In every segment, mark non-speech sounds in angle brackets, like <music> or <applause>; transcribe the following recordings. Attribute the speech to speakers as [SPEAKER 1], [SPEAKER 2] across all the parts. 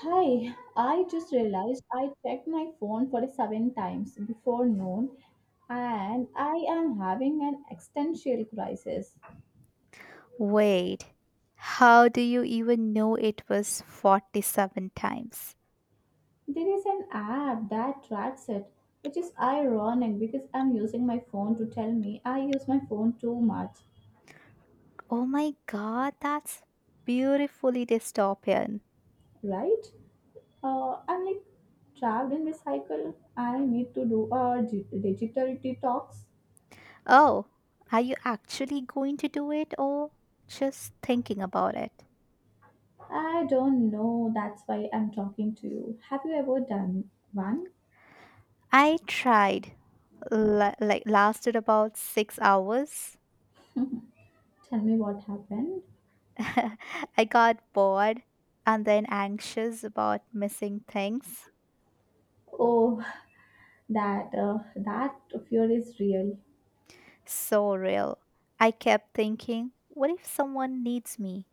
[SPEAKER 1] Hi, I just realized I checked my phone for seven times before noon and I am having an existential crisis.
[SPEAKER 2] Wait, how do you even know it was 47 times?
[SPEAKER 1] There is an app that tracks it, which is ironic because I'm using my phone to tell me I use my phone too much,
[SPEAKER 2] Oh my god, that's beautifully dystopian.
[SPEAKER 1] right? I'm like trapped in this cycle. I need to do a digital detox.
[SPEAKER 2] Oh, are you actually going to do it or just thinking about it?
[SPEAKER 1] I don't know, that's why I'm talking to you. Have you ever done one?
[SPEAKER 2] I tried, lasted about 6 hours.
[SPEAKER 1] Tell me what happened.
[SPEAKER 2] <laughs> I got bored and then anxious about missing things.
[SPEAKER 1] Oh, <laughs> that fear is real.
[SPEAKER 2] So real. I kept thinking, what if someone needs me?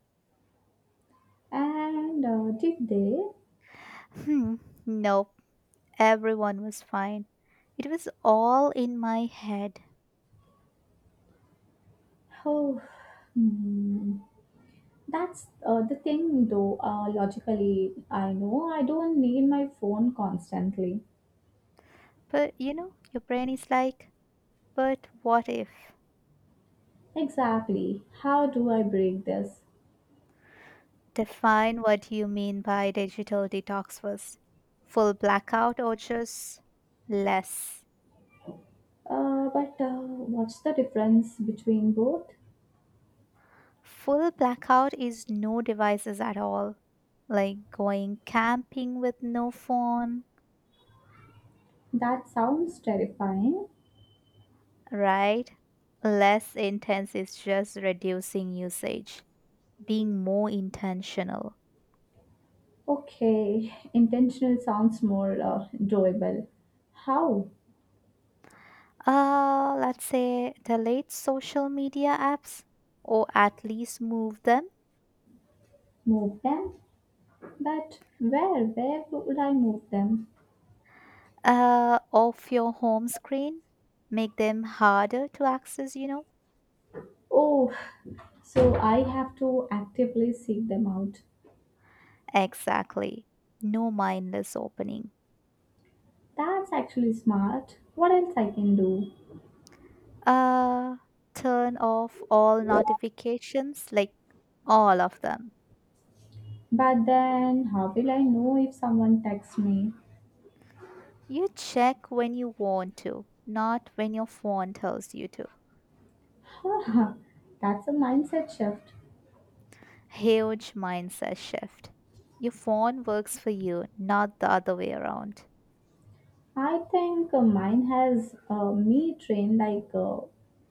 [SPEAKER 1] And did they?
[SPEAKER 2] Hmm, nope, everyone was fine. It was all in my head.
[SPEAKER 1] Oh, hmm. That's the thing, though. Logically, I know I don't need my phone constantly.
[SPEAKER 2] But you know, your brain is like, but what if?
[SPEAKER 1] Exactly. How do I break this?
[SPEAKER 2] Define what you mean by digital detox first. Full blackout or just less?
[SPEAKER 1] But what's the difference between both?
[SPEAKER 2] Full blackout is no devices at all. Like going camping with no phone,
[SPEAKER 1] That sounds terrifying.
[SPEAKER 2] right? Less intense is just reducing usage, being more intentional.
[SPEAKER 1] Okay, intentional sounds more doable. How?
[SPEAKER 2] Let's say delete social media apps or at least move them
[SPEAKER 1] Move them? But where? Where would I move them?
[SPEAKER 2] off your home screen. Make them harder to access, you know?
[SPEAKER 1] Oh, so I have to actively seek them out.
[SPEAKER 2] Exactly. No mindless opening.
[SPEAKER 1] That's actually smart. What else I can do?
[SPEAKER 2] Uh, Turn off all notifications, like all of them.
[SPEAKER 1] But then, how will I know if someone texts me?
[SPEAKER 2] You check when you want to, not when your phone tells you to.
[SPEAKER 1] Huh, that's a mindset shift.
[SPEAKER 2] Huge mindset shift. Your phone works for you, not the other way around.
[SPEAKER 1] I think mine has me trained like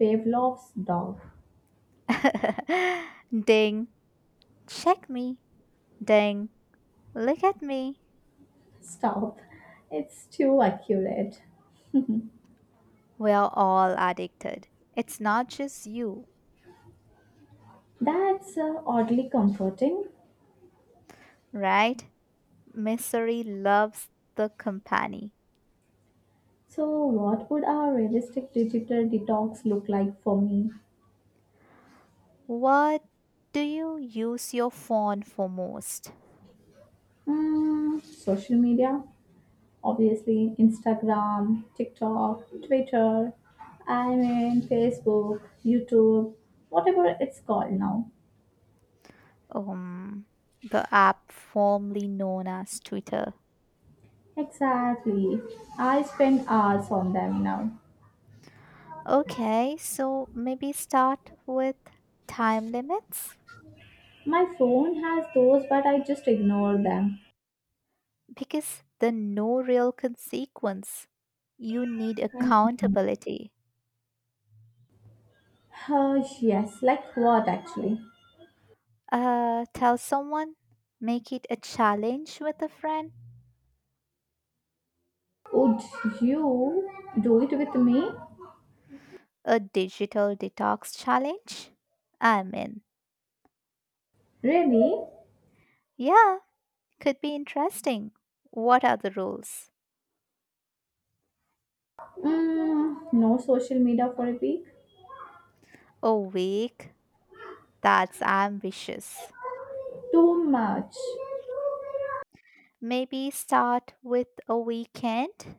[SPEAKER 1] Pavlov's dog.
[SPEAKER 2] <laughs> Ding, check me. Ding, look at me.
[SPEAKER 1] Stop. It's too accurate.
[SPEAKER 2] We're all addicted. It's not just you,
[SPEAKER 1] That's oddly comforting.
[SPEAKER 2] right? Misery loves the company.
[SPEAKER 1] So, what would a realistic digital detox look like for me?
[SPEAKER 2] What do you use your phone for most?
[SPEAKER 1] Social media, obviously, Instagram, TikTok, Twitter, I mean, Facebook, YouTube, whatever it's called now.
[SPEAKER 2] Um, the app formerly known as Twitter.
[SPEAKER 1] Exactly. I spend hours on them now.
[SPEAKER 2] Okay, so maybe start with time limits
[SPEAKER 1] My phone has those, but I just ignore them.
[SPEAKER 2] because the no real consequence. You need accountability.
[SPEAKER 1] Yes, like what actually?
[SPEAKER 2] Tell someone, make it a challenge with a friend,
[SPEAKER 1] Would you do it with me?
[SPEAKER 2] a digital detox challenge. I'm in.
[SPEAKER 1] Really?
[SPEAKER 2] Yeah, could be interesting. What are the rules?
[SPEAKER 1] No social media for a week.
[SPEAKER 2] A week? That's ambitious.
[SPEAKER 1] Too much.
[SPEAKER 2] Maybe start with a weekend?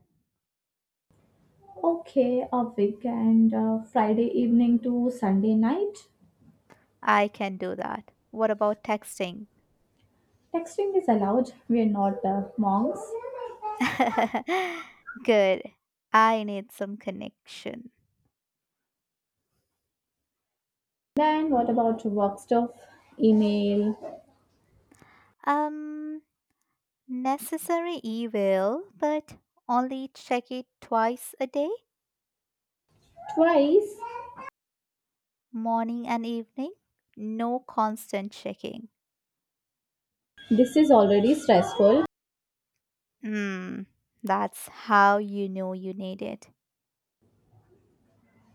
[SPEAKER 1] Okay, a weekend, Friday evening to Sunday night.
[SPEAKER 2] I can do that. What about texting?
[SPEAKER 1] Texting is allowed. We are not monks.
[SPEAKER 2] <laughs> Good. I need some connection.
[SPEAKER 1] Then what about work stuff? Email
[SPEAKER 2] Um, Necessary evil, but only check it twice a day,
[SPEAKER 1] twice.
[SPEAKER 2] morning and evening. No constant checking.
[SPEAKER 1] This is already stressful.
[SPEAKER 2] Mm, that's how you know you need it.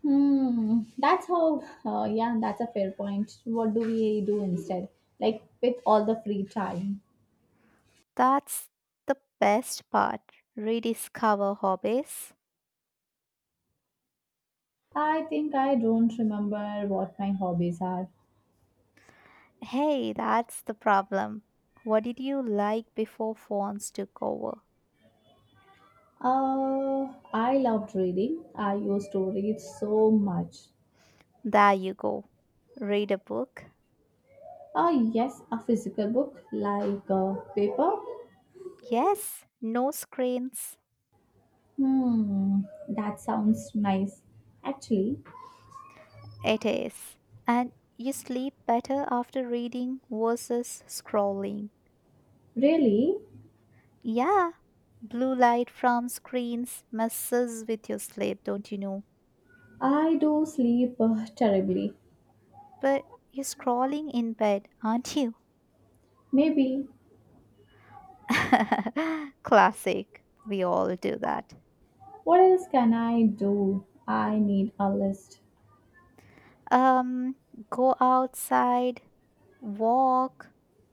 [SPEAKER 1] Hmm, that's how, yeah, that's a fair point. What do we do instead? Like with all the free time?
[SPEAKER 2] That's the best part. Rediscover hobbies.
[SPEAKER 1] I think I don't remember what my hobbies are.
[SPEAKER 2] Hey, that's the problem. What did you like before phones took over?
[SPEAKER 1] I loved reading. I used to read so much.
[SPEAKER 2] There you go. Read a book.
[SPEAKER 1] Ah, yes, a physical book like paper.
[SPEAKER 2] Yes, no screens.
[SPEAKER 1] Hmm, that sounds nice. Actually,
[SPEAKER 2] It is. And you sleep better after reading versus scrolling.
[SPEAKER 1] really,
[SPEAKER 2] Yeah, blue light from screens messes with your sleep, don't you know?
[SPEAKER 1] I do sleep terribly.
[SPEAKER 2] But you're scrolling in bed, aren't you?
[SPEAKER 1] Maybe.
[SPEAKER 2] <laughs> Classic. We all do that.
[SPEAKER 1] What else can I do? I need a list.
[SPEAKER 2] Um, Go outside, walk,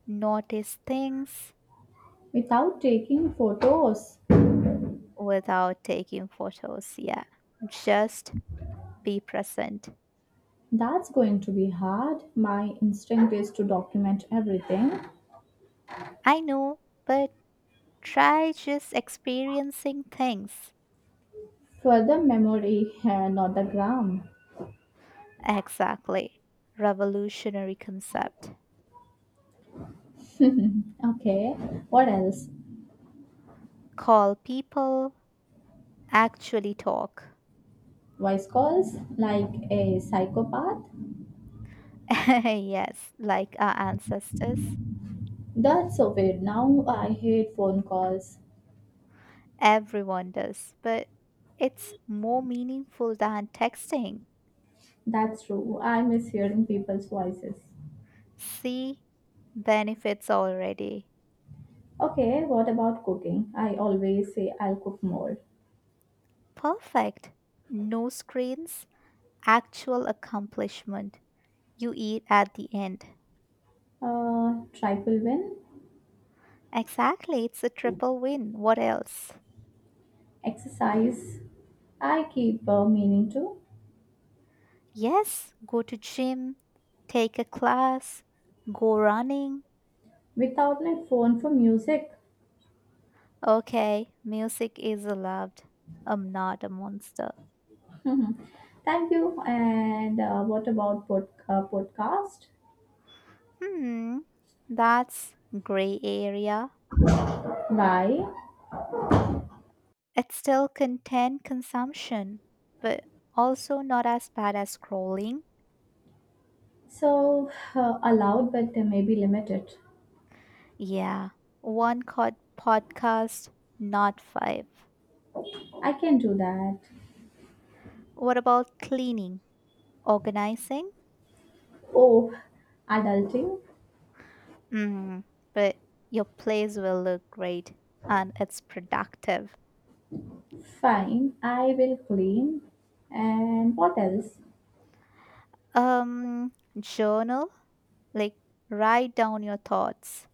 [SPEAKER 2] notice things
[SPEAKER 1] Without taking photos,
[SPEAKER 2] without taking photos. Yeah, just be present.
[SPEAKER 1] that's going to be hard. My instinct is to document everything
[SPEAKER 2] I know, but try just experiencing things.
[SPEAKER 1] for the memory, <laughs> not the gram.
[SPEAKER 2] Exactly. Revolutionary concept.
[SPEAKER 1] <laughs> Okay, what else?
[SPEAKER 2] Call people, actually talk.
[SPEAKER 1] Voice calls like a psychopath?
[SPEAKER 2] <laughs> Yes, like our ancestors.
[SPEAKER 1] That's so weird. Now I hate phone calls.
[SPEAKER 2] Everyone does, but it's more meaningful than texting.
[SPEAKER 1] That's true. I miss hearing people's voices.
[SPEAKER 2] See, benefits already.
[SPEAKER 1] Okay, what about cooking? I always say I'll cook more.
[SPEAKER 2] Perfect. No screens, actual accomplishment. You eat at the end.
[SPEAKER 1] Trifle win?
[SPEAKER 2] Exactly, it's a triple win. What else?
[SPEAKER 1] Exercise? I keep meaning to.
[SPEAKER 2] Yes, go to gym, take a class, go running.
[SPEAKER 1] Without my phone for music.
[SPEAKER 2] Okay, music is allowed. I'm not a monster.
[SPEAKER 1] Thank you. And what about podcast?
[SPEAKER 2] Hmm, that's gray area.
[SPEAKER 1] Bye.
[SPEAKER 2] It's still content consumption, but also not as bad as scrolling.
[SPEAKER 1] So allowed, but they may be limited.
[SPEAKER 2] Yeah, one cod podcast, not five.
[SPEAKER 1] I can do that.
[SPEAKER 2] What about cleaning, organizing?
[SPEAKER 1] Oh, adulting?
[SPEAKER 2] Mm, but your place will look great and it's productive.
[SPEAKER 1] Fine, I will clean. And what else?
[SPEAKER 2] Um, Journal, like write down your thoughts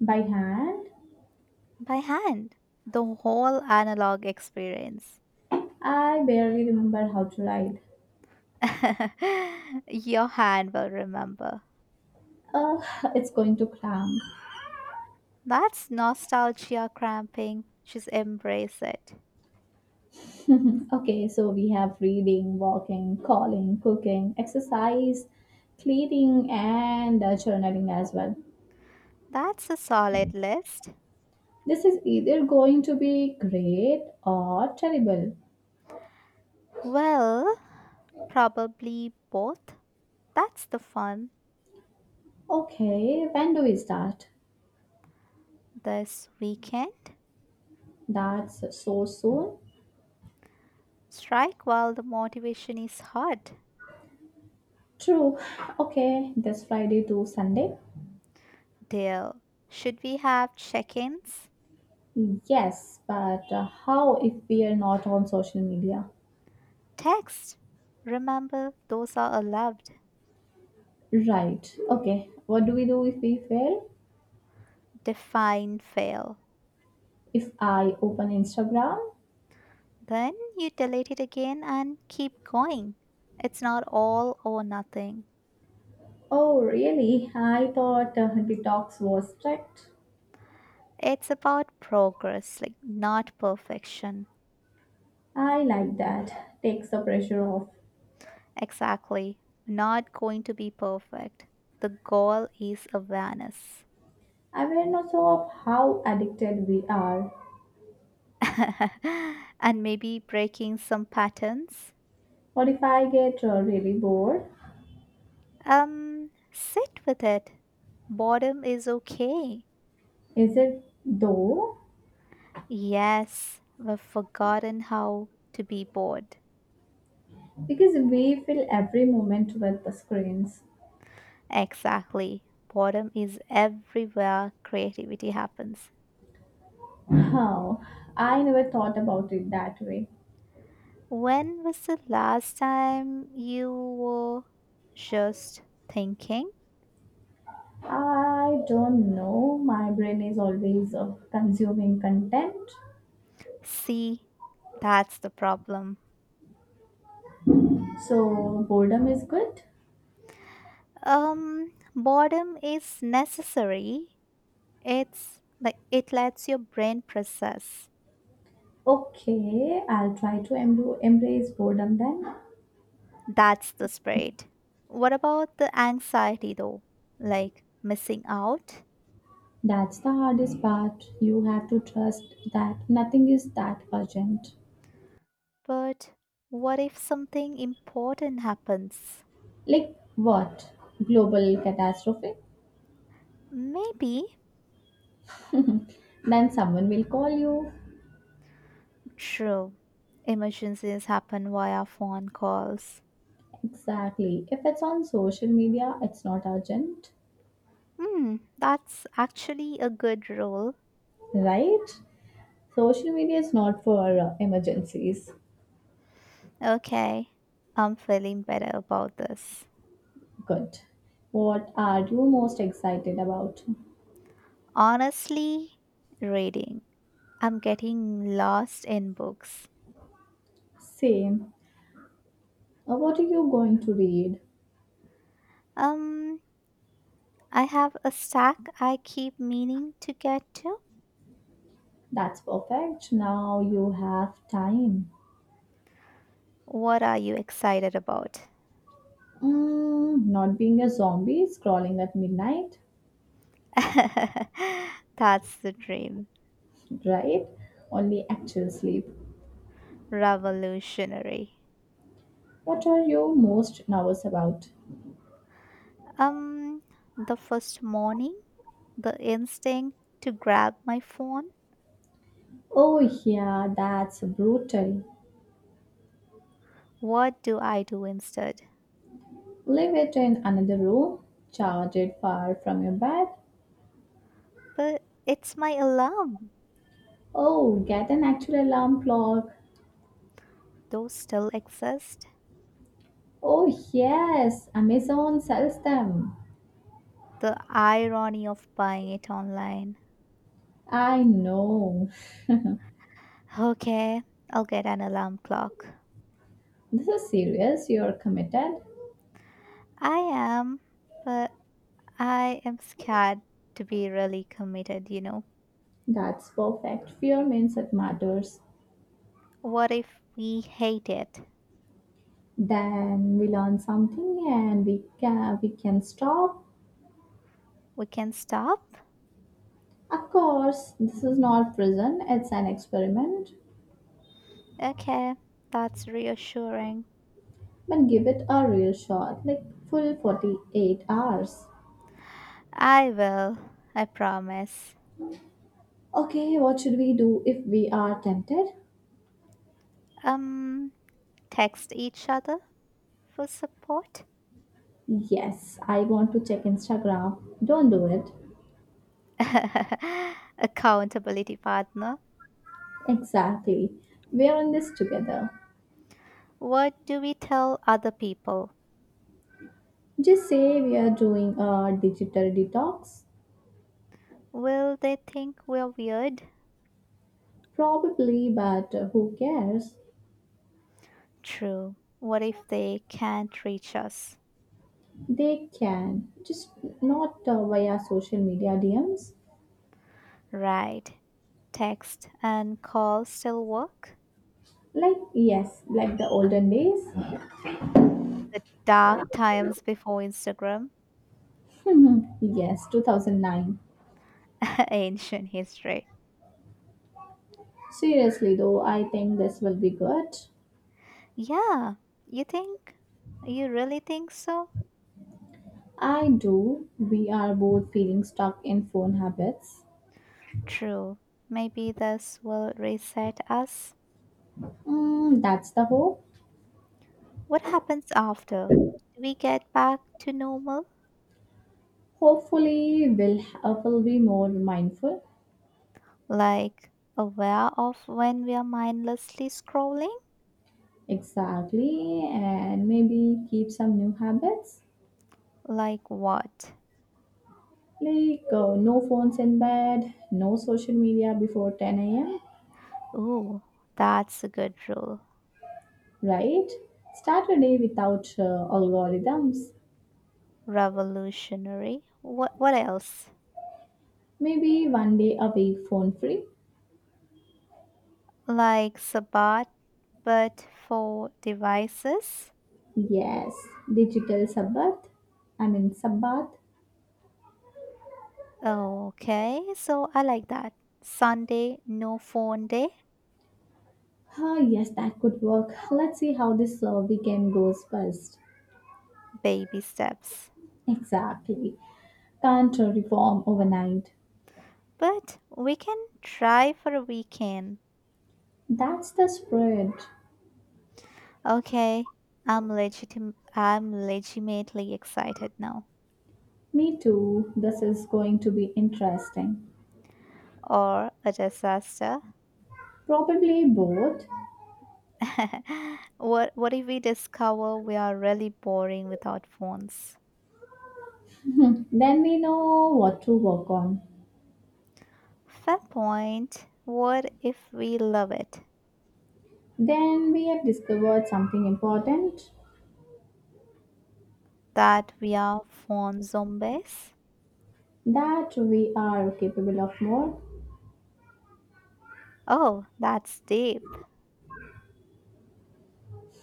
[SPEAKER 1] By hand?
[SPEAKER 2] by hand, the whole analog experience.
[SPEAKER 1] I barely remember how to write.
[SPEAKER 2] <laughs> Your hand will remember.
[SPEAKER 1] Uh, <laughs> it's going to cram.
[SPEAKER 2] That's nostalgia cramping. Just embrace it.
[SPEAKER 1] <laughs> Okay, so we have reading, walking, calling, cooking, exercise, cleaning, and journaling as well.
[SPEAKER 2] That's a solid list.
[SPEAKER 1] This is either going to be great or terrible.
[SPEAKER 2] Well, probably both. That's the fun
[SPEAKER 1] Okay, when do we start?
[SPEAKER 2] this weekend.
[SPEAKER 1] That's so soon.
[SPEAKER 2] Strike while the motivation is hot,
[SPEAKER 1] True. Okay, this Friday to Sunday.
[SPEAKER 2] dear. Should we have check ins?
[SPEAKER 1] Yes, but how if we are not on social media?
[SPEAKER 2] Text. Remember, those are allowed.
[SPEAKER 1] Right. Okay, what do we do if we fail?
[SPEAKER 2] Define fail.
[SPEAKER 1] If I open Instagram?
[SPEAKER 2] Then you delete it again and keep going. It's not all or nothing.
[SPEAKER 1] Oh, really? I thought detox was strict.
[SPEAKER 2] It's about progress, like not perfection.
[SPEAKER 1] I like that. Takes the pressure off.
[SPEAKER 2] Exactly. Not going to be perfect. The goal is awareness.
[SPEAKER 1] Awareness of how addicted we are.
[SPEAKER 2] <laughs> And maybe breaking some patterns.
[SPEAKER 1] What if I get really bored?
[SPEAKER 2] Sit with it. Boredom is okay.
[SPEAKER 1] Is it though?
[SPEAKER 2] Yes, we've forgotten how to be bored.
[SPEAKER 1] Because we fill every moment with the screens.
[SPEAKER 2] Exactly. Boredom is everywhere creativity happens.
[SPEAKER 1] How? I never thought about it that way.
[SPEAKER 2] When was the last time you were just thinking?
[SPEAKER 1] I don't know. My brain is always consuming content.
[SPEAKER 2] See, that's the problem.
[SPEAKER 1] So boredom is good.
[SPEAKER 2] Boredom is necessary. It's like it lets your brain process.
[SPEAKER 1] Okay, I'll try to embrace boredom then.
[SPEAKER 2] That's the spirit. What about the anxiety though? Like missing out?
[SPEAKER 1] That's the hardest part. You have to trust that nothing is that urgent.
[SPEAKER 2] But what if something important happens?
[SPEAKER 1] Like what? Global catastrophe?
[SPEAKER 2] Maybe.
[SPEAKER 1] Then someone will call you.
[SPEAKER 2] True. Emergencies happen via phone calls.
[SPEAKER 1] Exactly. If it's on social media, it's not urgent,
[SPEAKER 2] Hmm, that's actually a good rule.
[SPEAKER 1] right? Social media is not for emergencies.
[SPEAKER 2] Okay, I'm feeling better about this.
[SPEAKER 1] Good. What are you most excited about?
[SPEAKER 2] Honestly, reading. I'm getting lost in books.
[SPEAKER 1] Same. What are you going to read?
[SPEAKER 2] Um, I have a stack I keep meaning to get to.
[SPEAKER 1] That's perfect. Now you have time.
[SPEAKER 2] What are you excited about?
[SPEAKER 1] Not being a zombie scrolling at midnight,
[SPEAKER 2] <laughs> That's the dream.
[SPEAKER 1] right? Only actual sleep.
[SPEAKER 2] Revolutionary.
[SPEAKER 1] What are you most nervous about?
[SPEAKER 2] Um, the first morning, the instinct to grab my phone.
[SPEAKER 1] Oh, yeah, that's brutal.
[SPEAKER 2] What do I do instead?
[SPEAKER 1] Leave it in another room, charge it far from your bed.
[SPEAKER 2] But it's my alarm.
[SPEAKER 1] Oh, get an actual alarm clock.
[SPEAKER 2] Those still exist.
[SPEAKER 1] Oh, yes, Amazon sells them.
[SPEAKER 2] The irony of buying it online.
[SPEAKER 1] I know. <laughs> This
[SPEAKER 2] Okay, I'll get an alarm clock.
[SPEAKER 1] is serious, you're committed.
[SPEAKER 2] I am, but I am scared to be really committed, you know.
[SPEAKER 1] That's perfect. Fear means it matters.
[SPEAKER 2] What if we hate it?
[SPEAKER 1] Then we learn something and we can stop.
[SPEAKER 2] We can stop?
[SPEAKER 1] Of course, this is not prison, it's an experiment.
[SPEAKER 2] Okay, that's reassuring.
[SPEAKER 1] But give it a real shot, like full 48 hours.
[SPEAKER 2] I will, I promise.
[SPEAKER 1] Okay, what should we do if we are tempted?
[SPEAKER 2] Um, Text each other for support.
[SPEAKER 1] Yes, I want to check Instagram. Don't do it.
[SPEAKER 2] <laughs> Accountability partner.
[SPEAKER 1] Exactly. We are in this together.
[SPEAKER 2] What do we tell other people?
[SPEAKER 1] Just say we are doing a digital detox.
[SPEAKER 2] Will they think we're weird?
[SPEAKER 1] Probably, but who cares?
[SPEAKER 2] True. What if they can't reach us?
[SPEAKER 1] They can. Just not via social media DMs.
[SPEAKER 2] Right. Text, and call still work?
[SPEAKER 1] Like, yes, like the olden days.
[SPEAKER 2] The dark times before Instagram.
[SPEAKER 1] <laughs> Yes, 2009.
[SPEAKER 2] <laughs> Ancient history.
[SPEAKER 1] Seriously, though, I think this will be good.
[SPEAKER 2] Yeah, you think? You really think so?
[SPEAKER 1] I do. We are both feeling stuck in phone habits.
[SPEAKER 2] True. Maybe this will reset us.
[SPEAKER 1] That's the hope.
[SPEAKER 2] What happens after? Do we get back to normal?
[SPEAKER 1] Hopefully, we'll be more mindful.
[SPEAKER 2] Like aware of when we are mindlessly scrolling?
[SPEAKER 1] Exactly. And maybe keep some new habits
[SPEAKER 2] Like what?
[SPEAKER 1] like no phones in bed, no social media before 10 a.m.,
[SPEAKER 2] Ooh, that's a good rule.
[SPEAKER 1] right? Start a day without algorithms.
[SPEAKER 2] Revolutionary. What else?
[SPEAKER 1] Maybe one day a week phone free.
[SPEAKER 2] Like Sabat, but for devices.
[SPEAKER 1] Yes, digital sabbath. I mean, sabbath.
[SPEAKER 2] Okay, so I like that. Sunday, no phone day,
[SPEAKER 1] Ah, yes, that could work. Let's see how this weekend goes first.
[SPEAKER 2] baby steps.
[SPEAKER 1] Exactly. Can't reform overnight.
[SPEAKER 2] But we can try for a weekend.
[SPEAKER 1] That's the spirit.
[SPEAKER 2] Okay, I'm legitimately excited now.
[SPEAKER 1] Me too. This is going to be interesting.
[SPEAKER 2] Or a disaster.
[SPEAKER 1] Probably both.
[SPEAKER 2] <laughs> What if we discover we are really boring without phones?
[SPEAKER 1] Hmm, then we know what to work on.
[SPEAKER 2] Fair point. What if we love it?
[SPEAKER 1] Then we have discovered something important
[SPEAKER 2] That we are phone zombies?
[SPEAKER 1] that we are capable of more.
[SPEAKER 2] Oh, that's deep,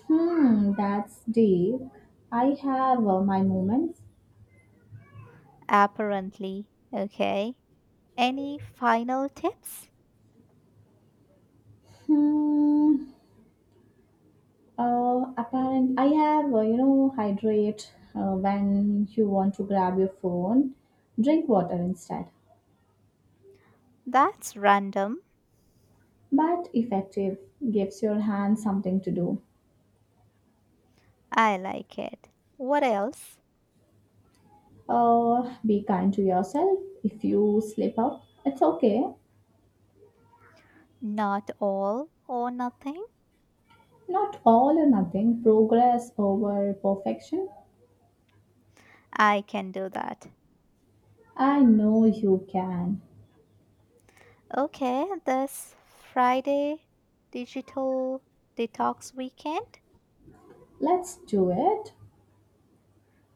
[SPEAKER 1] Hmm, that's deep. I have my moments.
[SPEAKER 2] apparently. Okay. Any final tips?
[SPEAKER 1] Hmm. Hydrate when you want to grab your phone, drink water instead.
[SPEAKER 2] That's random.
[SPEAKER 1] But effective gives your hand something to do.
[SPEAKER 2] I like it. What else?
[SPEAKER 1] Be kind to yourself. If you slip up, it's okay.
[SPEAKER 2] Not all or nothing?
[SPEAKER 1] Not all or nothing, progress over perfection.
[SPEAKER 2] I can do that.
[SPEAKER 1] I know you can.
[SPEAKER 2] Okay, this Friday digital detox weekend.
[SPEAKER 1] Let's do it.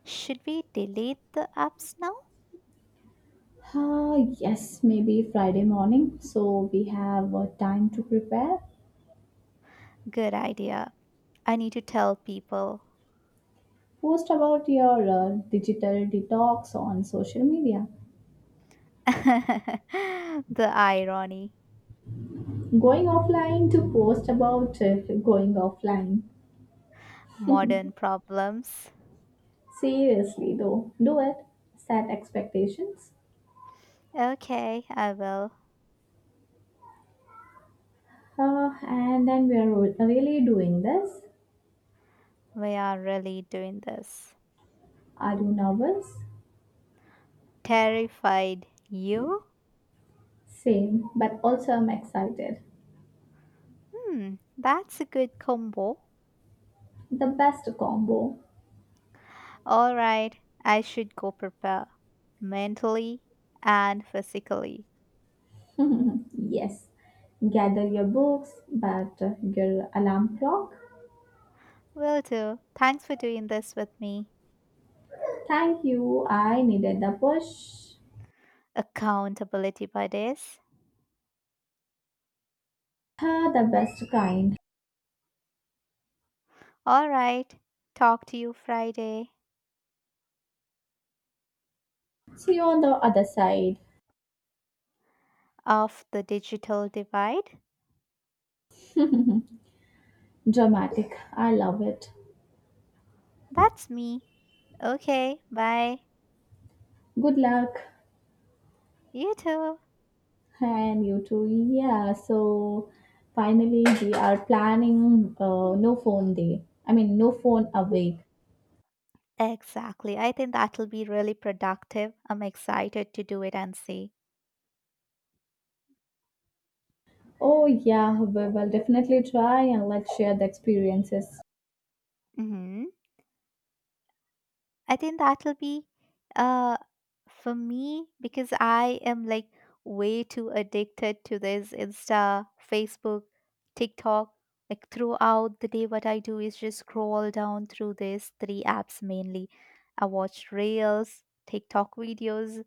[SPEAKER 2] Should we delete the apps now?
[SPEAKER 1] Ah yes, maybe Friday morning, so we have time to prepare.
[SPEAKER 2] Good idea. I need to tell people.
[SPEAKER 1] Post about your digital detox on social media.
[SPEAKER 2] <laughs> The irony.
[SPEAKER 1] Going offline to post about going offline.
[SPEAKER 2] Modern problems.
[SPEAKER 1] Seriously, though, do it. Set expectations.
[SPEAKER 2] Okay, I will.
[SPEAKER 1] And then we are really doing this.
[SPEAKER 2] We are really doing this.
[SPEAKER 1] Are you nervous?
[SPEAKER 2] Terrified you?
[SPEAKER 1] Same, but also I'm excited.
[SPEAKER 2] Hmm, that's a good combo.
[SPEAKER 1] The best combo.
[SPEAKER 2] All right, I should go prepare mentally and physically.
[SPEAKER 1] Yes. Gather your books, but your alarm clock.
[SPEAKER 2] Will do. Thanks for doing this with me.
[SPEAKER 1] Thank you. I needed the push.
[SPEAKER 2] Accountability by this.
[SPEAKER 1] Ah, the best kind.
[SPEAKER 2] All right, talk to you Friday
[SPEAKER 1] See you on the other side.
[SPEAKER 2] of the digital divide.
[SPEAKER 1] Dramatic. I love it.
[SPEAKER 2] That's me. Okay, bye.
[SPEAKER 1] Good luck.
[SPEAKER 2] You too.
[SPEAKER 1] And you too. Yeah. So finally, we are planning no phone day. I mean, no phone awake.
[SPEAKER 2] Exactly. I think that'll be really productive. I'm excited to do it and see.
[SPEAKER 1] Oh, yeah. We will definitely try and let's share the experiences.
[SPEAKER 2] Mhm. I think that'll be uh for me because I am like way too addicted to this Insta, Facebook, TikTok. Like throughout the day what I do is just scroll down through these three apps mainly. I watch Reels, TikTok videos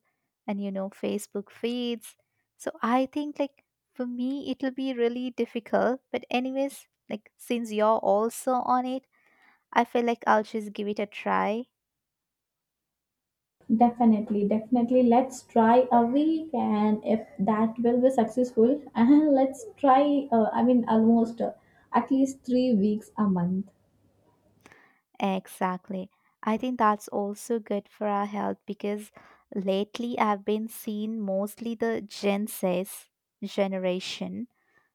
[SPEAKER 2] and you know Facebook feeds. So I think like for me it'll be really difficult, but anyways, like since you're also on it, I feel like I'll just give it a try.
[SPEAKER 1] Definitely, definitely. Let's try a week, and if that will be successful, <laughs> and let's try. I mean, almost at least 3 weeks a month.
[SPEAKER 2] Exactly. I think that's also good for our health because lately I've been seeing mostly the Gen Z's generation.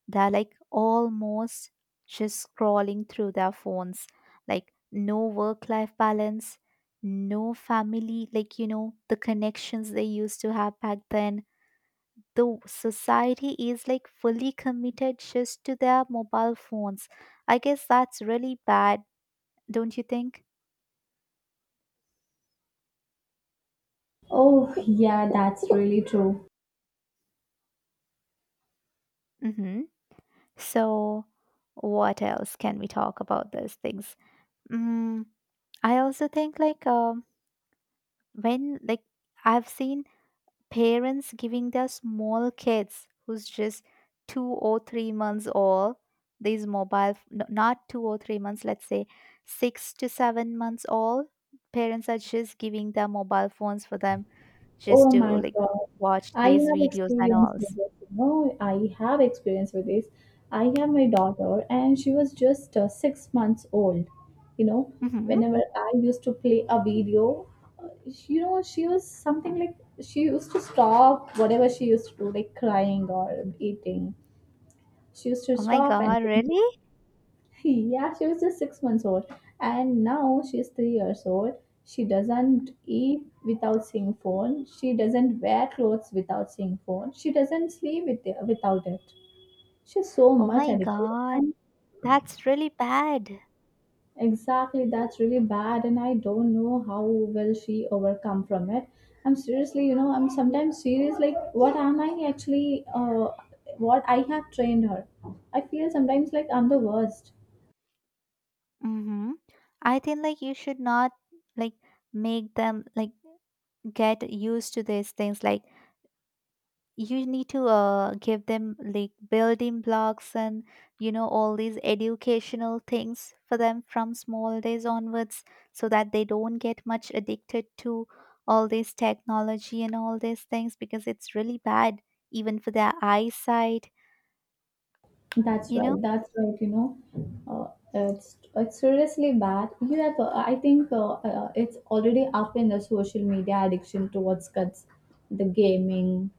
[SPEAKER 2] They're like almost just scrolling through their phones, like no work life balance, no family, like, you know, the connections they used to have back then. The society is like fully committed just to their mobile phones. I guess that's really bad, don't you think?
[SPEAKER 1] Oh, yeah, that's really true.
[SPEAKER 2] Mm hmm. So, what else can we talk about those things? Mm, I also think like when like I've seen parents giving their small kids who's just 2 or 3 months old these not 2 or 3 months, let's say 6 to 7 months old, parents are just giving their mobile phones for them
[SPEAKER 1] Oh
[SPEAKER 2] just to
[SPEAKER 1] my
[SPEAKER 2] like
[SPEAKER 1] God.
[SPEAKER 2] watch
[SPEAKER 1] I
[SPEAKER 2] these
[SPEAKER 1] have
[SPEAKER 2] videos and
[SPEAKER 1] experience
[SPEAKER 2] all.
[SPEAKER 1] with this, you know, I have experience with this. I have my daughter and she was just 6 months old. You know,
[SPEAKER 2] Mhm.
[SPEAKER 1] whenever I used to play a video, she was something like she used to stop whatever she used to do, like crying or eating. She used to
[SPEAKER 2] Oh my
[SPEAKER 1] stop and
[SPEAKER 2] god, really?
[SPEAKER 1] <laughs> yeah, she was just 6 months old, and now she's 3 years old. She doesn't eat without seeing phone. She doesn't wear clothes without seeing phone. She doesn't sleep without it. She's so
[SPEAKER 2] Oh
[SPEAKER 1] much
[SPEAKER 2] my
[SPEAKER 1] addicted.
[SPEAKER 2] god.
[SPEAKER 1] And
[SPEAKER 2] That's really bad.
[SPEAKER 1] exactly, that's really bad, and I don't know how will she overcome from it. I'm seriously, you know, I'm sometimes serious. Like, what am I actually? What I have trained her. I feel sometimes like I'm the worst.
[SPEAKER 2] Mm-hmm. I think like you should not like make them like get used to these things. Like you need to give them like building blocks and you know all these educational things for them from small days onwards, so that they don't get much addicted to all this technology and all these things because it's really bad even for their eyesight.
[SPEAKER 1] That's
[SPEAKER 2] You know.
[SPEAKER 1] right. That's right. You know, uh, it's seriously bad. You have, I think, it's already up in the social media addiction towards cuts, the gaming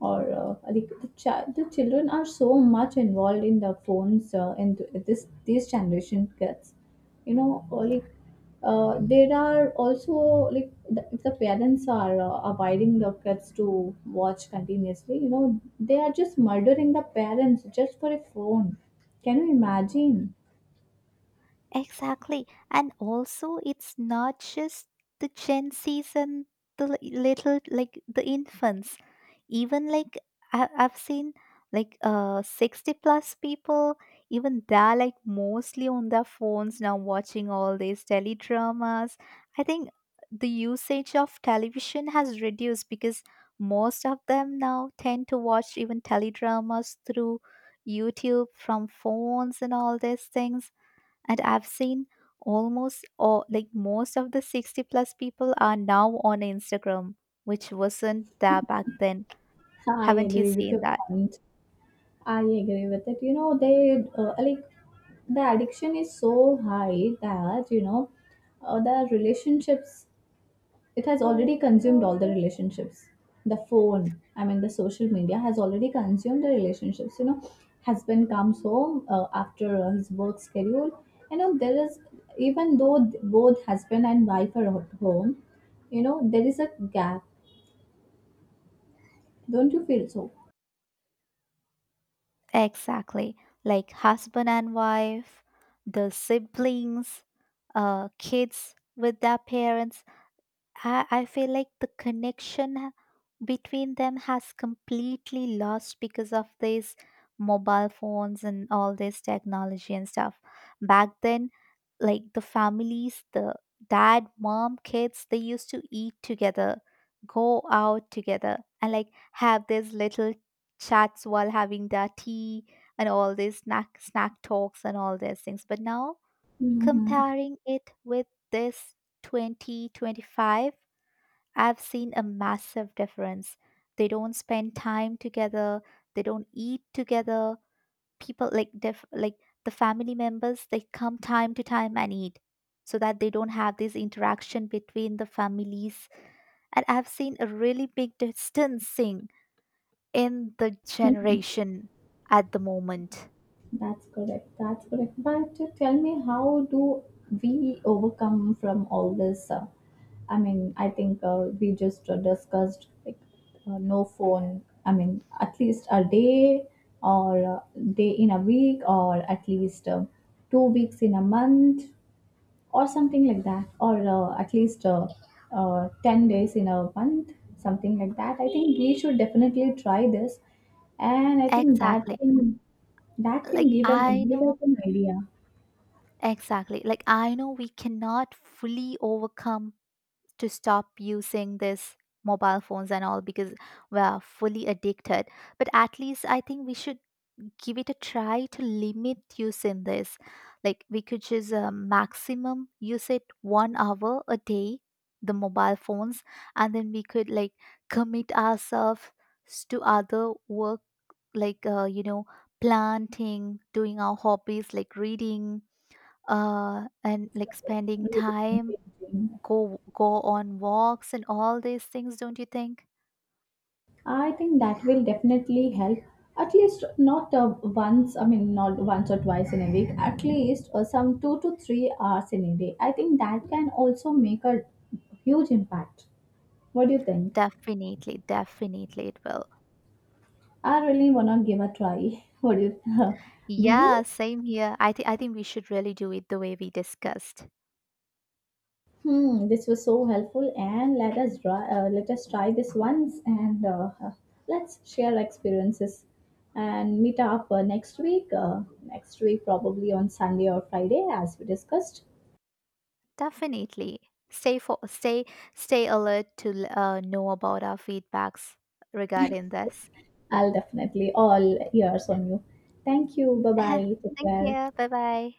[SPEAKER 1] or the children are so much involved in the phones in this these generation kids you know or like there are also like if the parents are abiding the kids to watch continuously you know they are just murdering the parents just for a phone can you imagine.
[SPEAKER 2] Exactly. And also, it's not just the Gen Zs and the little, like the infants. Even like I've seen like 60 plus people, even they're like mostly on their phones now watching all these teledramas. I think the usage of television has reduced because most of them now tend to watch even teledramas through YouTube from phones and all these things, and I've seen almost all, like most of the 60 plus people are now on Instagram, which wasn't there back then.
[SPEAKER 1] I
[SPEAKER 2] Haven't you
[SPEAKER 1] agree with
[SPEAKER 2] seen
[SPEAKER 1] your
[SPEAKER 2] that?
[SPEAKER 1] point. I agree with it. You know, they like the addiction is so high that you know the relationships. It has already consumed all the relationships. The phone, I mean, the social media has already consumed the relationships. You know, husband comes home after his work schedule. You know, there is even though both husband and wife are at home, you know, there is a gap. Don't you feel so?
[SPEAKER 2] Exactly, like husband and wife, the siblings, uh, kids with their parents. I feel like the between them has completely lost because of these mobile phones and all this technology and stuff. Back then, like the families, the dad, mom, kids, they used to eat together, go out together, and like have these little chats while having their tea and all these snack talks and all these things. But now
[SPEAKER 1] Mm-hmm.
[SPEAKER 2] comparing it with this 2025, I've seen a massive difference. They don't spend time together, they don't eat together. People like like the family members, they come time to time and eat, so that they don't have this interaction between the families. And I've seen a really big distancing in the generation at the moment.
[SPEAKER 1] That's correct. That's correct. But tell me, how do we overcome from all this? I mean, I think we just discussed like no phone. I mean, at least a day or day in a week, or at least 2 weeks in a month or something like that or at least 10 days in a month something like that. I think we should definitely try this, and I think that
[SPEAKER 2] Exactly.
[SPEAKER 1] can
[SPEAKER 2] Like
[SPEAKER 1] give an
[SPEAKER 2] I
[SPEAKER 1] give us
[SPEAKER 2] know
[SPEAKER 1] an idea.
[SPEAKER 2] exactly. Like I know we cannot fully overcome to stop using this mobile phones and all because we are fully addicted, but at least I think we should give it a try to limit use in this. Like we could just maximum use it 1 hour a day, the mobile phones, and then we could like commit ourselves to other work like you know, planting, doing our hobbies like reading, uh, and like spending time, go on walks and all these things, don't you think?
[SPEAKER 1] I think that will definitely help at least not once. I mean, not once or twice in a week, at least some 2 to 3 hours in a day. I think that can also make a huge impact. What do you think?
[SPEAKER 2] Definitely, definitely it will.
[SPEAKER 1] I really wanna give a try. <laughs> What do you <laughs> do?
[SPEAKER 2] Yeah,
[SPEAKER 1] You?
[SPEAKER 2] same here. I think we should really do it the way we discussed.
[SPEAKER 1] Hmm. This was so helpful, and let us try. Let us try this once, and let's share experiences, and meet up next week. Next week, probably on Sunday or Friday, as we discussed.
[SPEAKER 2] Definitely stay for stay stay alert to know about our feedbacks regarding this.
[SPEAKER 1] I'll definitely all ears on you. Thank you. Bye
[SPEAKER 2] <laughs>
[SPEAKER 1] bye. Take
[SPEAKER 2] Thank
[SPEAKER 1] care.
[SPEAKER 2] you, bye bye.